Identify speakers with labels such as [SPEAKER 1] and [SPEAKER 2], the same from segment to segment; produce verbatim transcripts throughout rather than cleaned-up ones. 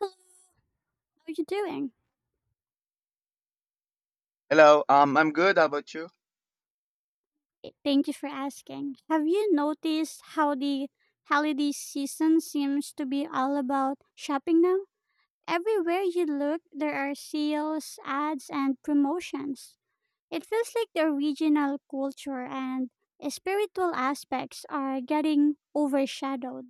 [SPEAKER 1] Hello, how are you doing?
[SPEAKER 2] Hello, um, I'm good. How about you?
[SPEAKER 1] Eh, Thank you for asking. Have you noticed how the holiday season seems to be all about shopping now? Everywhere you look, there are sales, ads, and promotions. It feels like the regional culture and spiritual aspects are getting overshadowed.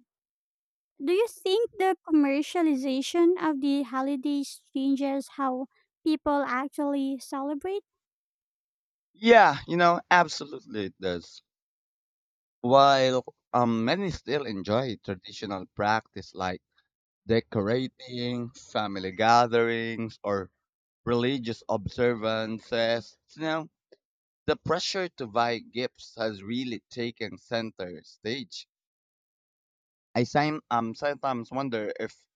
[SPEAKER 1] Do you think the commercialization of the holidays changes how people actually celebrate?
[SPEAKER 2] Yeah, you know, absolutely it does. While um, Many still enjoy traditional practice like decorating, family gatherings, or religious observances, you know, the pressure to buy gifts has really taken center stage. I sim- um, sometimes wonder if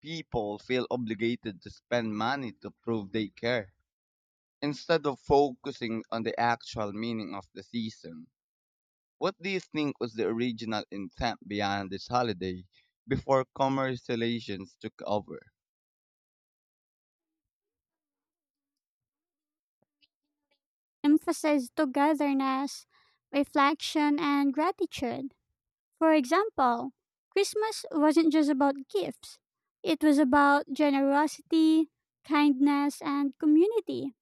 [SPEAKER 2] people feel obligated to spend money to prove they care instead of focusing on the actual meaning of the season. What do you think was the original intent behind this holiday before commercializations took over?
[SPEAKER 1] Emphasized togetherness, reflection, and gratitude. For example, Christmas wasn't just about gifts, it was about generosity, kindness, and community.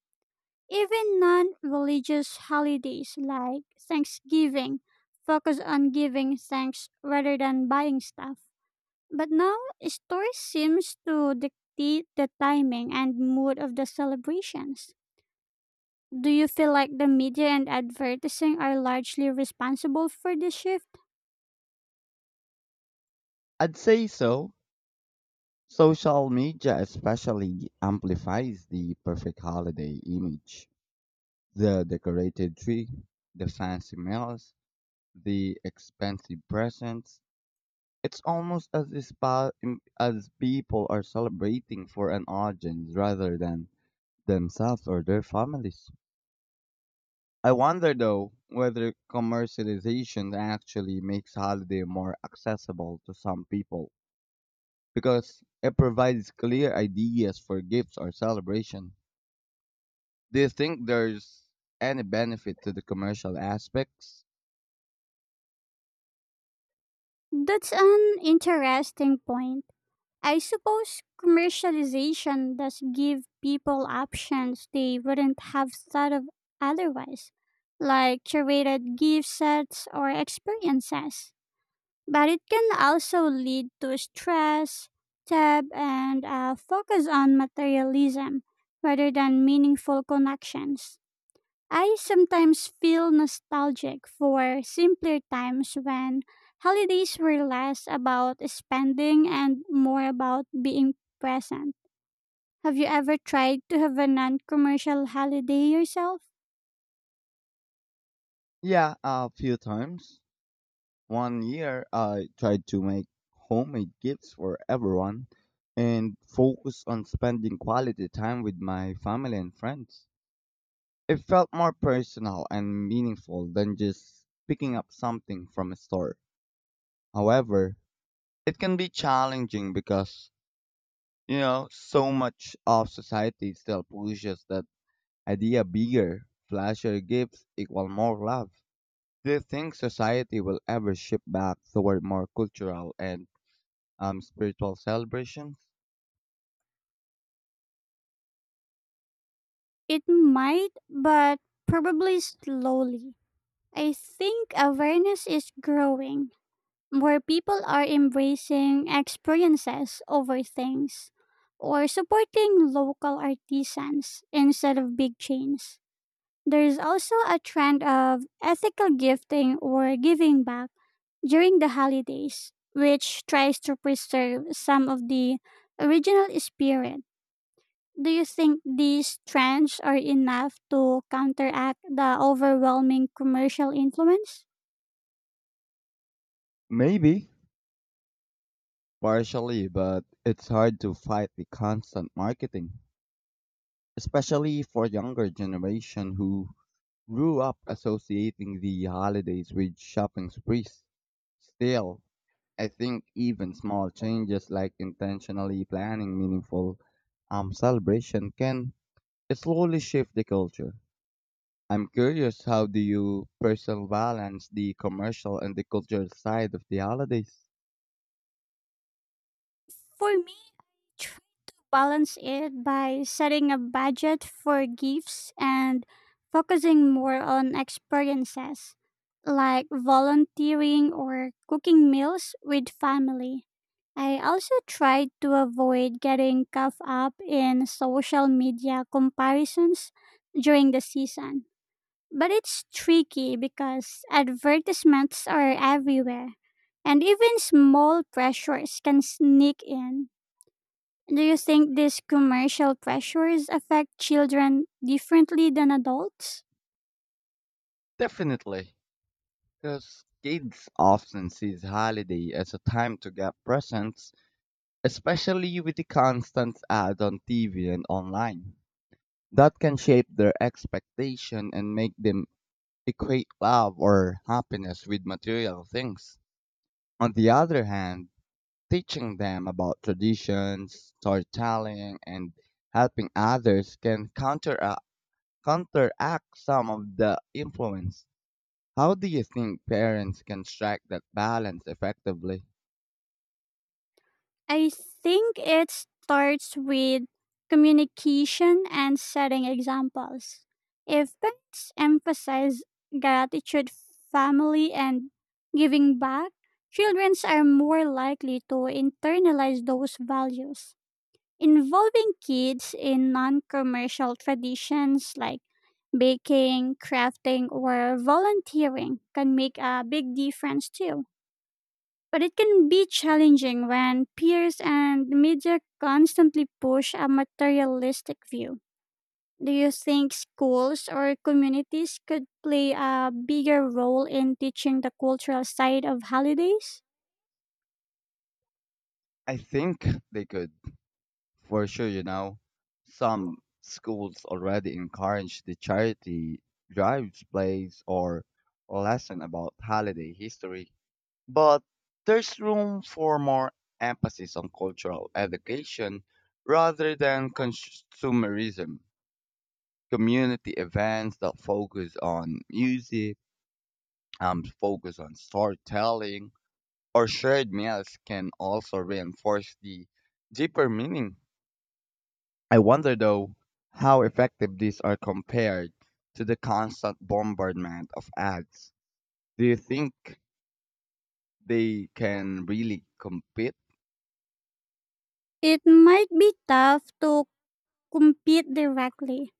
[SPEAKER 1] Even non religious holidays like Thanksgiving focus on giving thanks rather than buying stuff. But now, story seems to dictate the timing and mood of the celebrations. Do you feel like the media and advertising are largely responsible for this shift?
[SPEAKER 2] I'd say so. Social media especially amplifies the perfect holiday image. The decorated tree, the fancy meals, the expensive presents. It's almost as if pa- im- as people are celebrating for an audience rather than themselves or their families. I wonder though whether commercialization actually makes holiday more accessible to some people because it provides clear ideas for gifts or celebration. Do you think there's any benefit to the commercial aspects?
[SPEAKER 1] That's an interesting point. I suppose commercialization does give people options they wouldn't have thought of otherwise, like curated gift sets or experiences. But it can also lead to stress, tab, and a focus on materialism rather than meaningful connections. I sometimes feel nostalgic for simpler times when holidays were less about spending and more about being present. Have you ever tried to have a non commercial holiday yourself?
[SPEAKER 2] Yeah, a few times. One year I tried to make homemade gifts for everyone and focus on spending quality time with my family and friends. It felt more personal and meaningful than just picking up something from a store. However, it can be challenging because, you know, so much of society still pushes that idea bigger, flashier gifts equal more love. Do you think society will ever shift back toward more cultural and um, spiritual celebrations?
[SPEAKER 1] It might, but probably slowly. I think awareness is growing. More people are embracing experiences over things or supporting local artisans instead of big chains. There is also a trend of ethical gifting or giving back during the holidays, which tries to preserve some of the original spirit. Do you think these trends are enough to counteract the overwhelming commercial influence?
[SPEAKER 2] Maybe, partially, but it's hard to fight the constant marketing, especially for younger generation who grew up associating the holidays with shopping sprees. Still, I think even small changes like intentionally planning meaningful um, celebration can slowly shift the culture. I'm curious, how do you personally balance the commercial and the cultural side of the holidays?
[SPEAKER 1] For me, balance it by setting a budget for gifts and focusing more on experiences like volunteering or cooking meals with family. I also try to avoid getting caught up in social media comparisons during the season. But it's tricky because advertisements are everywhere, and even small pressures can sneak in. Do you think these commercial pressures affect children differently than adults?
[SPEAKER 2] Definitely, because kids often see holiday as a time to get presents, especially with the constant ad on T V and online. That can shape their expectation and make them equate love or happiness with material things. On the other hand, teaching them about traditions, storytelling, and helping others can counteract, counteract some of the influence. How do you think parents can strike that balance effectively?
[SPEAKER 1] I think it starts with communication and setting examples. If parents emphasize gratitude, family, and giving back, children are more likely to internalize those values. Involving kids in non commercial traditions like baking, crafting, or volunteering can make a big difference too. But it can be challenging when peers and media constantly push a materialistic view. Do you think schools or communities could play a bigger role in teaching the cultural side of holidays?
[SPEAKER 2] I think they could. For sure, you know, some schools already encourage the charity drives, plays, or lesson about holiday history. But there's room for more emphasis on cultural education rather than consumerism. Community events that focus on music, um, focus on storytelling, or shared meals can also reinforce the deeper meaning. I wonder, though, how effective these are compared to the constant bombardment of ads. Do you think they can really compete?
[SPEAKER 1] It might be tough to compete directly,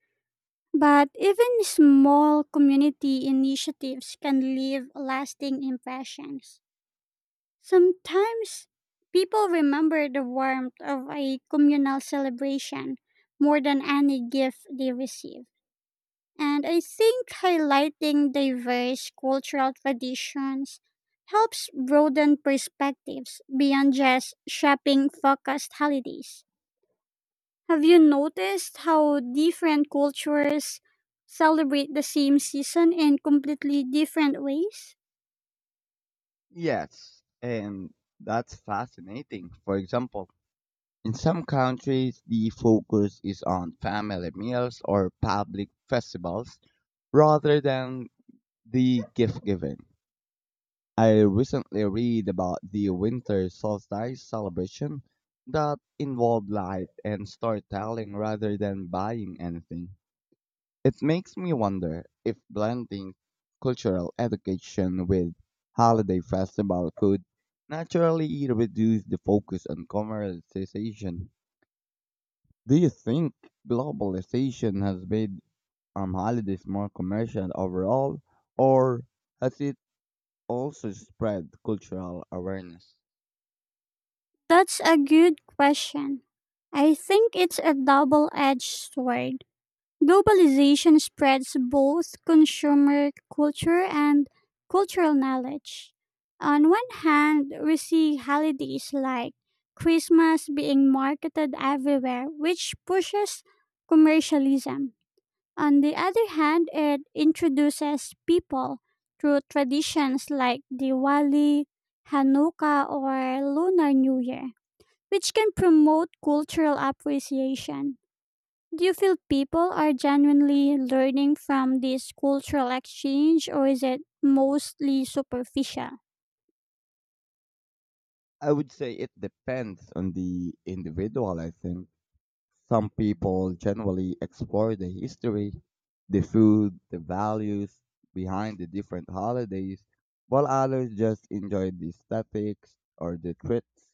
[SPEAKER 1] but even small community initiatives can leave lasting impressions. Sometimes people remember the warmth of a communal celebration more than any gift they receive. And I think highlighting diverse cultural traditions helps broaden perspectives beyond just shopping focused holidays. Have you noticed how different cultures celebrate the same season in completely different ways?
[SPEAKER 2] Yes, and that's fascinating. For example, in some countries, the focus is on family meals or public festivals rather than the gift giving. I recently read about the winter solstice celebration that involved light and storytelling rather than buying anything. It makes me wonder if blending cultural education with holiday festival could naturally reduce the focus on commercialization. Do you think globalization has made um, holidays more commercial overall, or has it also spread cultural awareness?
[SPEAKER 1] That's a good question. I think it's a double edged sword. Globalization spreads both consumer culture and cultural knowledge. On one hand, we see holidays like Christmas being marketed everywhere, which pushes commercialism. On the other hand, it introduces people through traditions like Diwali, Hanukkah, or Lunar New Year which can promote cultural appreciation. Do you feel people are genuinely learning from this cultural exchange or is it mostly superficial?
[SPEAKER 2] I would say it depends on the individual, I think. Some people generally explore the history, the food, the values behind the different holidays, while others just enjoy the aesthetics or the treats.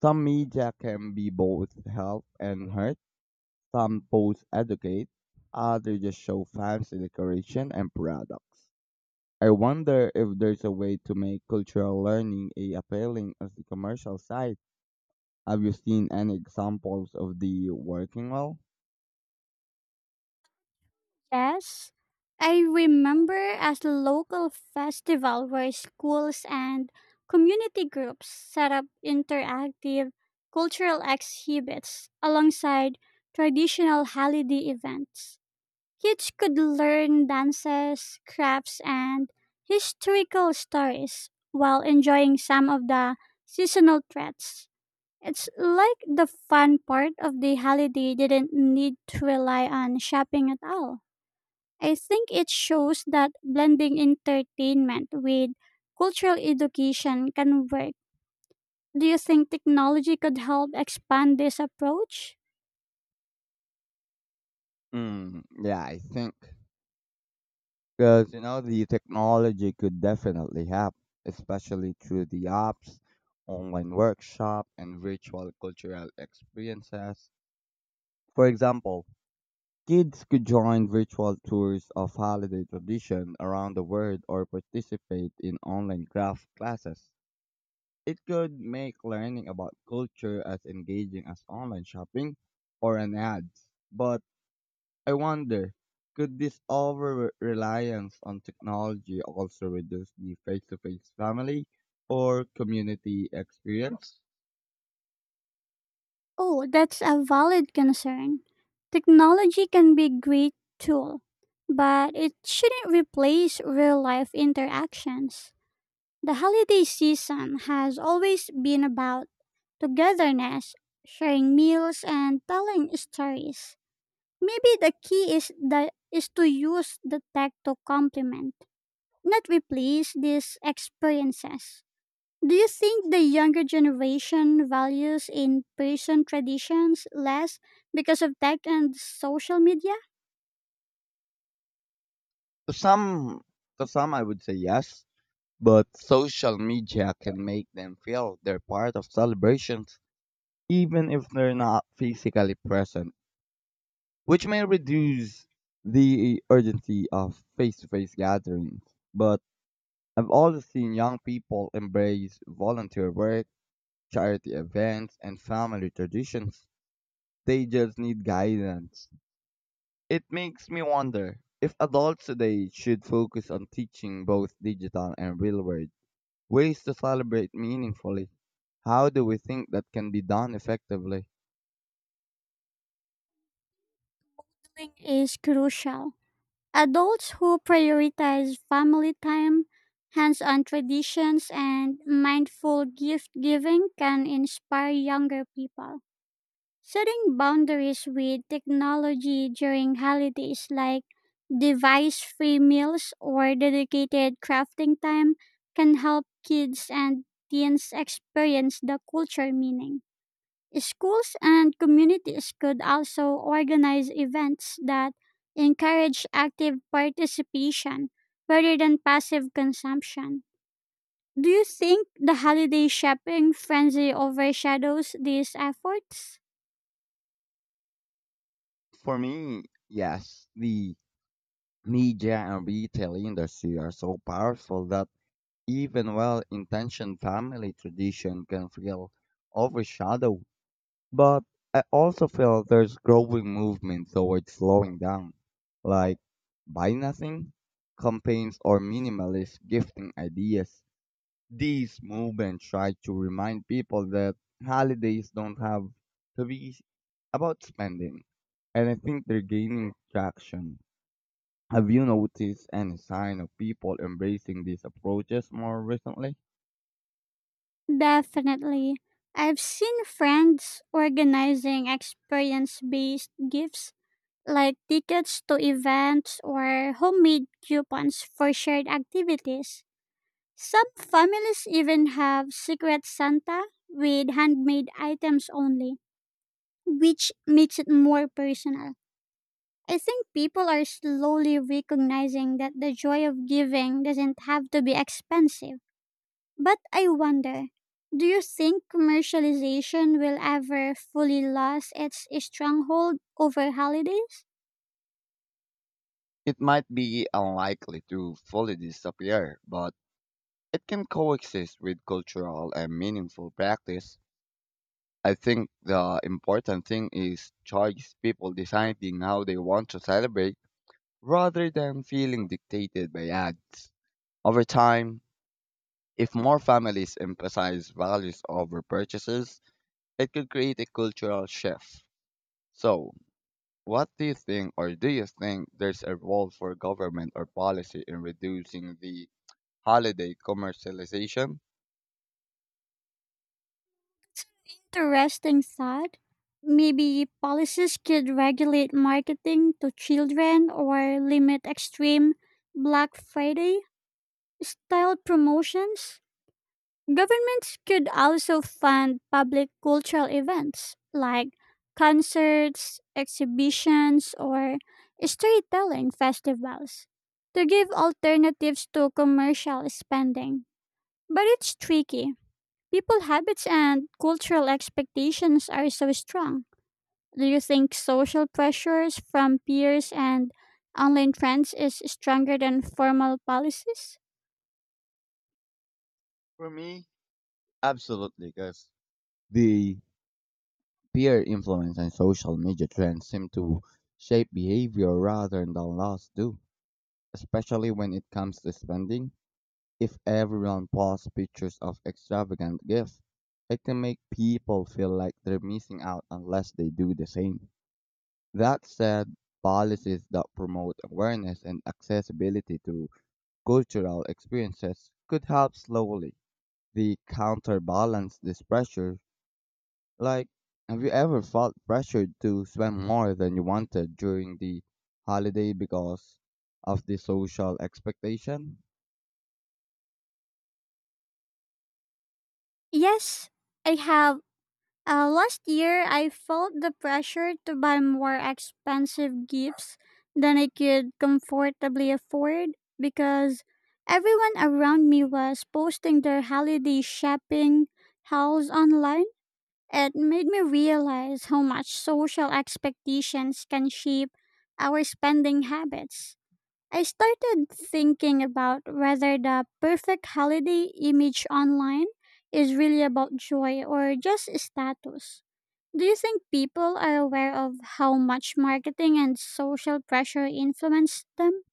[SPEAKER 2] Some media can be both help and hurt. Some posts educate, others just show fancy decoration and products. I wonder if there's a way to make cultural learning a appealing as the commercial side. Have you seen any examples of the working well?
[SPEAKER 1] Yes. I remember as a local festival where schools and community groups set up interactive cultural exhibits alongside traditional holiday events. Kids could learn dances, crafts, and historical stories while enjoying some of the seasonal threats. It's like the fun part of the holiday didn't need to rely on shopping at all. I think it shows that blending entertainment with cultural education can work. Do you think technology could help expand this approach?
[SPEAKER 2] Mm, yeah, I think. Because, you know, the technology could definitely help, especially through the apps, online workshop, and virtual cultural experiences. For example, kids could join virtual tours of holiday tradition around the world or participate in online craft classes. It could make learning about culture as engaging as online shopping or an ad. But I wonder, could this over-reliance on technology also reduce the face-to-face family or community experience?
[SPEAKER 1] Oh, that's a valid concern. Technology can be a great tool, but it shouldn't replace real life interactions. The holiday season has always been about togetherness, sharing meals, and telling stories. Maybe the key is that is to use the tech to complement, not replace these experiences. Do you think the younger generation values in person traditions less because of tech and social media?
[SPEAKER 2] To some, to some, I would say yes, but social media can make them feel they're part of celebrations, even if they're not physically present, which may reduce the urgency of face-to-face gatherings. But I've also seen young people embrace volunteer work charity events, and family traditions. They just need guidance. It makes me wonder if adults today should focus on teaching both digital and real world ways to celebrate meaningfully. How do we think that can be done effectively?
[SPEAKER 1] Counseling is crucial. Adults who prioritize family time, hands on traditions, and mindful gift giving can inspire younger people. Setting boundaries with technology during holidays like device free meals or dedicated crafting time can help kids and teens experience the culture meaning. Schools and communities could also organize events that encourage active participation rather than passive consumption. Do you think the holiday shopping frenzy overshadows these efforts?
[SPEAKER 2] For me, yes, the media and retail industry are so powerful that even well intentioned family tradition can feel overshadowed. But I also feel there's growing movement towards slowing down, like buy nothing campaigns or minimalist gifting ideas. These movements try to remind people that holidays don't have to be about spending, and I think they're gaining traction. Have you noticed any sign of people embracing these approaches more recently?
[SPEAKER 1] Definitely. I've seen friends organizing experience based gifts like tickets to events or homemade coupons for shared activities. Some families even have Secret Santa with handmade items only, which makes it more personal. I think people are slowly recognizing that the joy of giving doesn't have to be expensive. But I wonder, do you think commercialization will ever fully lose its stronghold over holidays?
[SPEAKER 2] It might be unlikely to fully disappear, but it can coexist with cultural and meaningful practice. I think the important thing is choice, people deciding how they want to celebrate rather than feeling dictated by ads. Over time, if more families emphasize values over purchases, it could create a cultural shift. So, what do you think, or do you think there's a role for government or policy in reducing the holiday commercialization?
[SPEAKER 1] Interesting thought. Maybe policies could regulate marketing to children or limit extreme Black Friday style promotions? Governments could also fund public cultural events like concerts, exhibitions, or storytelling festivals to give alternatives to commercial spending. But it's tricky. People habits and cultural expectations are so strong. Do you think social pressures from peers and online trends is stronger than formal policies?
[SPEAKER 2] For me, absolutely, because the peer influence and social media trends seem to shape behavior rather than laws do, especially when it comes to spending. If everyone posts pictures of extravagant gifts, it can make people feel like they're missing out unless they do the same. That said, policies that promote awareness and accessibility to cultural experiences could help slowly the counterbalance this pressure. Like, have you ever felt pressured to spend more than you wanted during the holiday because of the social expectation?
[SPEAKER 1] Yes, I have. Uh, last year, I felt the pressure to buy more expensive gifts than I could comfortably afford because everyone around me was posting their holiday shopping hauls online. It made me realize how much social expectations can shape our spending habits. I started thinking about whether the perfect holiday image online is really about joy or just status. Do you think people are aware of how much marketing and social pressure influence them?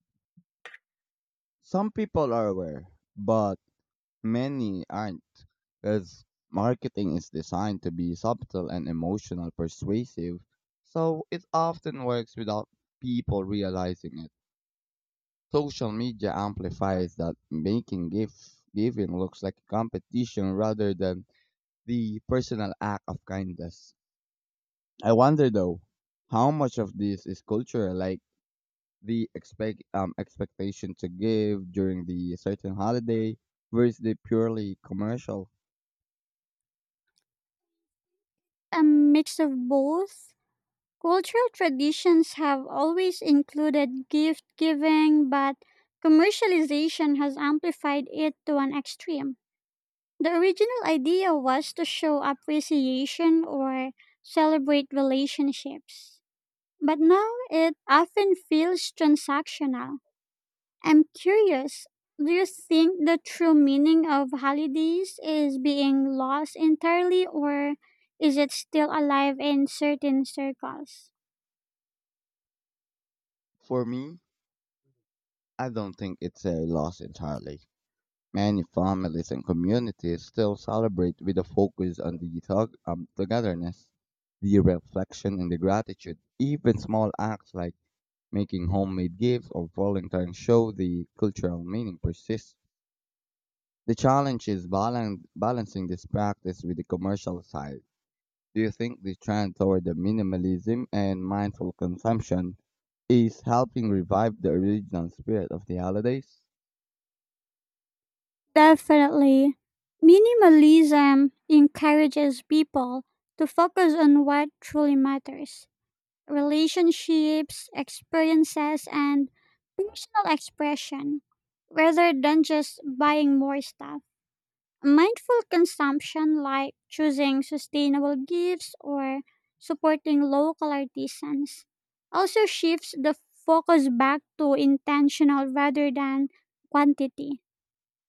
[SPEAKER 2] Some people are aware, but many aren't, because marketing is designed to be subtle and emotional persuasive, so it often works without people realizing it. Social media amplifies that, making gift giving looks like a competition rather than the personal act of kindness. I wonder though, how much of this is cultural, like the expect um expectation to give during the certain holiday versus the purely commercial.
[SPEAKER 1] A mix of both. Cultural traditions have always included gift giving, but commercialization has amplified it to an extreme. The original idea was to show appreciation or celebrate relationships, but now it often feels transactional. I'm curious, do you think the true meaning of holidays is being lost entirely or is it still alive in certain circles?
[SPEAKER 2] For me, I don't think it's a loss entirely. Many families and communities still celebrate with a focus on the tog- um, togetherness, the reflection, and the gratitude. Even small acts like making homemade gifts or volunteering show the cultural meaning persists. The challenge is balan- balancing this practice with the commercial side. Do you think the trend toward the minimalism and mindful consumption is helping revive the original spirit of the holidays?
[SPEAKER 1] Definitely. Minimalism encourages people to focus on what truly matters: relationships, experiences, and personal expression rather than just buying more stuff. Mindful consumption, like choosing sustainable gifts or supporting local artisans, also shifts the focus back to intentional rather than quantity.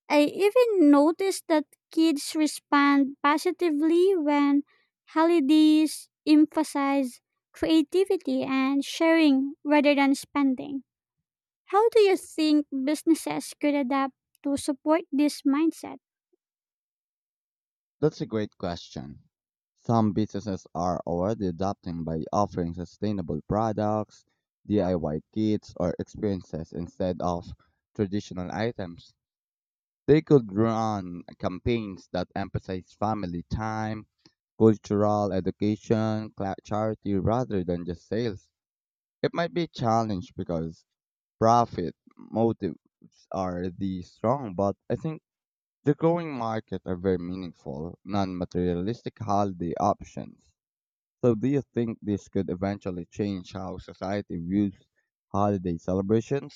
[SPEAKER 1] I even noticed that kids respond positively when holidays emphasize creativity and sharing rather than spending. How do you think businesses could adapt to support this mindset?
[SPEAKER 2] That's a great question. Some businesses are already adapting by offering sustainable products, D I Y kits, or experiences instead of traditional items. They could run campaigns that emphasize family time, cultural education, cla- charity rather than just sales. It might be a challenge because profit motives are the strong, but I think the growing market are very meaningful, non materialistic holiday options. So, do you think this could eventually change how society views holiday celebration?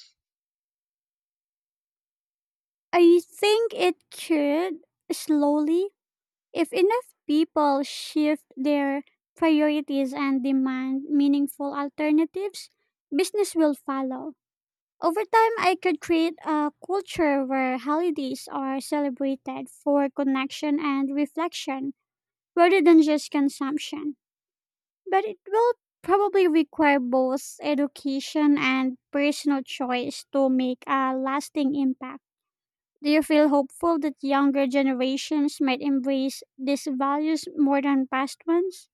[SPEAKER 1] I think it could slowly. If enough people shift their priorities and demand meaningful alternatives, business will follow. Over time, I could create a culture where holidays are celebrated for connection and reflection rather than just consumption. But it will probably require both education and personal choice to make a lasting impact. Do you feel hopeful that younger generations might embrace these values more than past ones?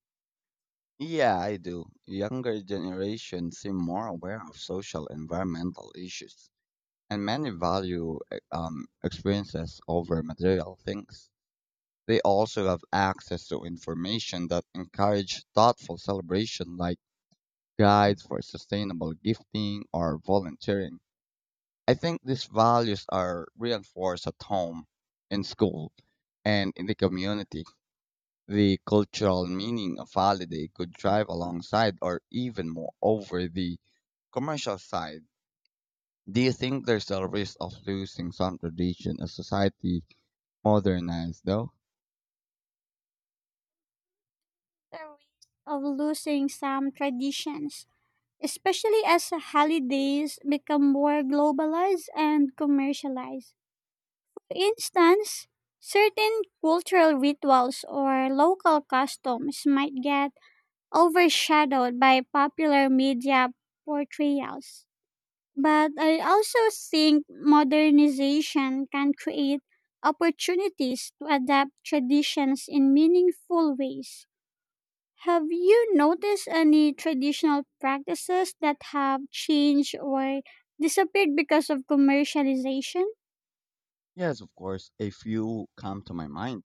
[SPEAKER 2] Yeah, I do. Younger generations seem more aware of social environmental issues, and many value e- um, experiences over material things. They also have access to information that encourage thoughtful celebration, like guides for sustainable gifting or volunteering. I think these values are reinforced at home, in school, and in the community. The cultural meaning of holiday could drive alongside or even more over the commercial side. Do you think there's a risk of losing some tradition as society modernized though?
[SPEAKER 1] The risk of losing some traditions, especially as holidays become more globalized and commercialized. For instance, certain cultural rituals or local customs might get overshadowed by popular media portrayals. But I also think modernization can create opportunities to adapt traditions in meaningful ways. Have you noticed any traditional practices that have changed or disappeared because of commercialization?
[SPEAKER 2] Yes, of course. A few come to my mind.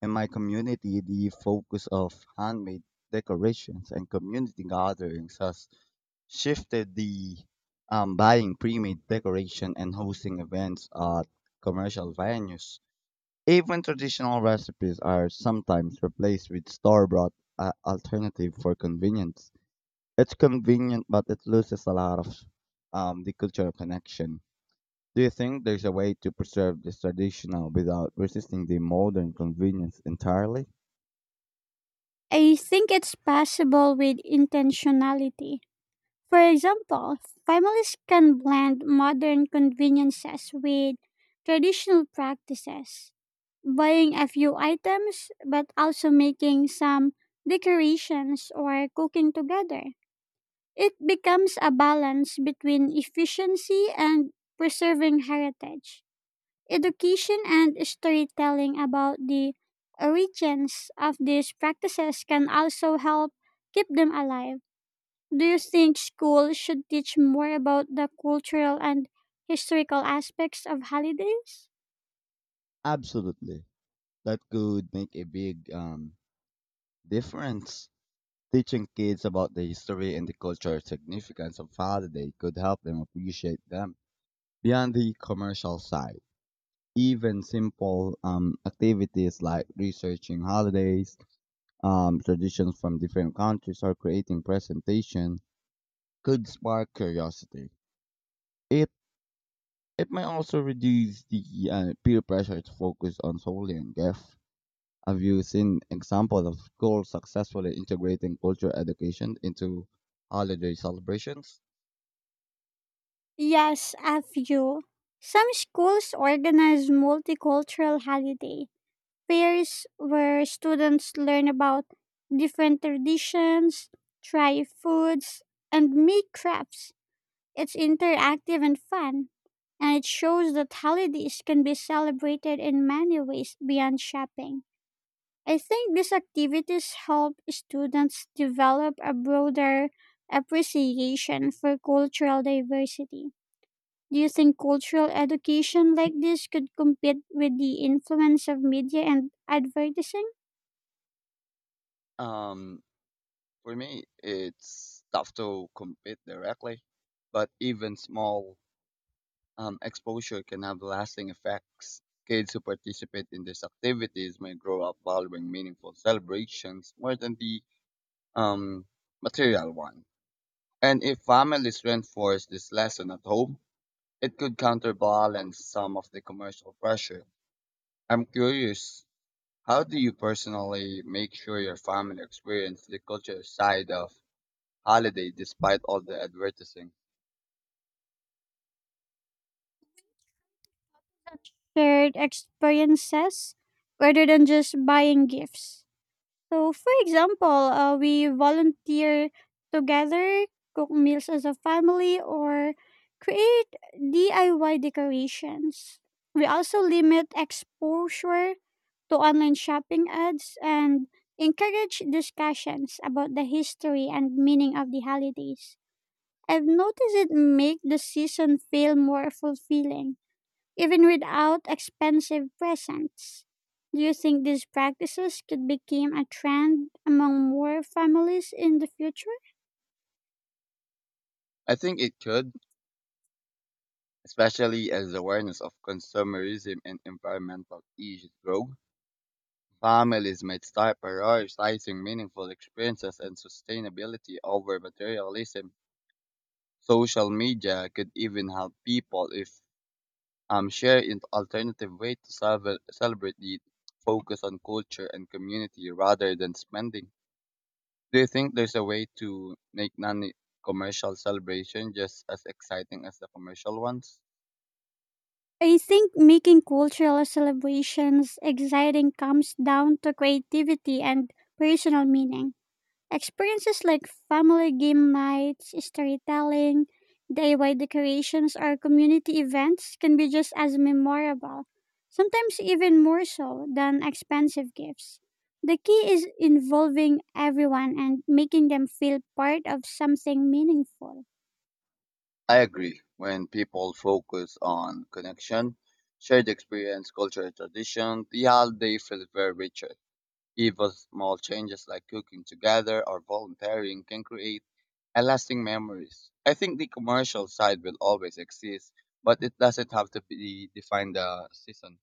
[SPEAKER 2] In my community, the focus of handmade decorations and community gatherings has shifted the um, buying pre-made decoration and hosting events at commercial venues. Even traditional recipes are sometimes replaced with store-bought uh, alternative for convenience. It's convenient, but it loses a lot of um, the cultural connection. Do you think there's a way to preserve this traditional without resisting the modern convenience entirely?
[SPEAKER 1] I think it's possible with intentionality. For example, families can blend modern conveniences with traditional practices, buying a few items but also making some decorations or cooking together. It becomes a balance between efficiency and preserving heritage. Education and storytelling about the origins of these practices can also help keep them alive. Do you think schools should teach more about the cultural and historical aspects of holidays?
[SPEAKER 2] Absolutely. That could make a big um, difference. Teaching kids about the history and the cultural significance of holiday could help them appreciate them beyond the commercial side. Even simple um, activities like researching holidays, um, traditions from different countries, or creating presentation could spark curiosity. It it may also reduce the uh, peer pressure to focus on solely on G E F. Have you seen example of schools successfully integrating cultural education into holiday celebrations?
[SPEAKER 1] Yes, a few. Some schools organize multicultural holiday fairs where students learn about different traditions, try foods, and make crafts. It's interactive and fun, and it shows that holidays can be celebrated in many ways beyond shopping. I think these activities help students develop a broader appreciation for cultural diversity. Do you think cultural education like this could compete with the influence of media and advertising?
[SPEAKER 2] Um, for me, it's tough to compete directly, but even small um, exposure can have lasting effects. Kids who participate in these activities may grow up valuing meaningful celebrations more than the um, material one. And if families reinforce this lesson at home, it could counterbalance some of the commercial pressure. I'm curious, how do you personally make sure your family experience the culture side of holiday despite all the advertising?
[SPEAKER 1] Shared experiences rather than just buying gifts. So, for example, uh, we volunteer together, cook meals as a family, or create D I Y decorations. We also limit exposure to online shopping ads and encourage discussions about the history and meaning of the holidays. I've noticed it make the season feel more fulfilling even without expensive presents. Do you think these practices could become a trend among more families in the future?
[SPEAKER 2] I think it could especially as awareness of consumerism and environmental issues grow. Families might start prioritizing meaningful experiences and sustainability over materialism. Social media could even help people if um, share an alternative way to celebra- celebrate the focus on culture and community rather than spending. Do you think there's a way to make non commercial celebration just as exciting as the commercial ones?
[SPEAKER 1] I think making cultural celebrations exciting comes down to creativity and personal meaning. Experiences like family game nights, storytelling, D I Y decorations, or community events can be just as memorable, sometimes even more so than expensive gifts. The key is involving everyone and making them feel part of something meaningful.
[SPEAKER 2] I agree. When people focus on connection, shared experience, culture, and tradition, the holiday feels very richer. Even small changes like cooking together or volunteering can create a lasting memories. I think the commercial side will always exist, but it doesn't have to be define the season.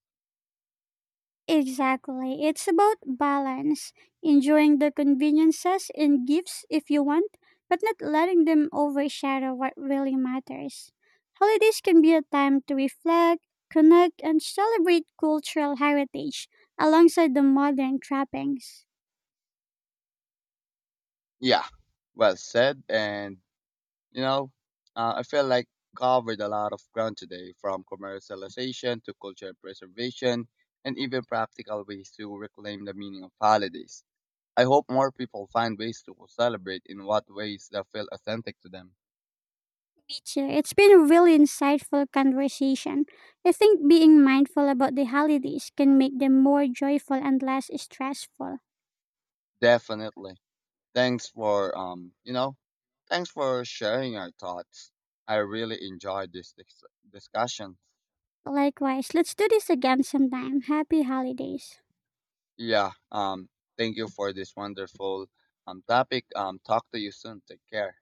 [SPEAKER 1] Exactly. It's about balance, enjoying the conveniences and gifts if you want, but not letting them overshadow what really matters. Holidays can be a time to reflect, connect, and celebrate cultural heritage alongside the modern trappings.
[SPEAKER 2] Yeah, well said. And You know, uh, I feel like covered a lot of ground today, from commercialization to cultural preservation, and even practical ways to reclaim the meaning of holidays. I hope more people find ways to celebrate in what ways that feel authentic to them.
[SPEAKER 1] Me too. It's been a really insightful conversation. I think being mindful about the holidays can make them more joyful and less stressful.
[SPEAKER 2] Definitely. Thanks for um, you know, thanks for sharing your thoughts. I really enjoyed this dis- discussion.
[SPEAKER 1] Likewise, let's do this again sometime. Happy holidays.
[SPEAKER 2] Yeah. Um. Thank you for this wonderful um topic. Um. Talk to you soon. Take care.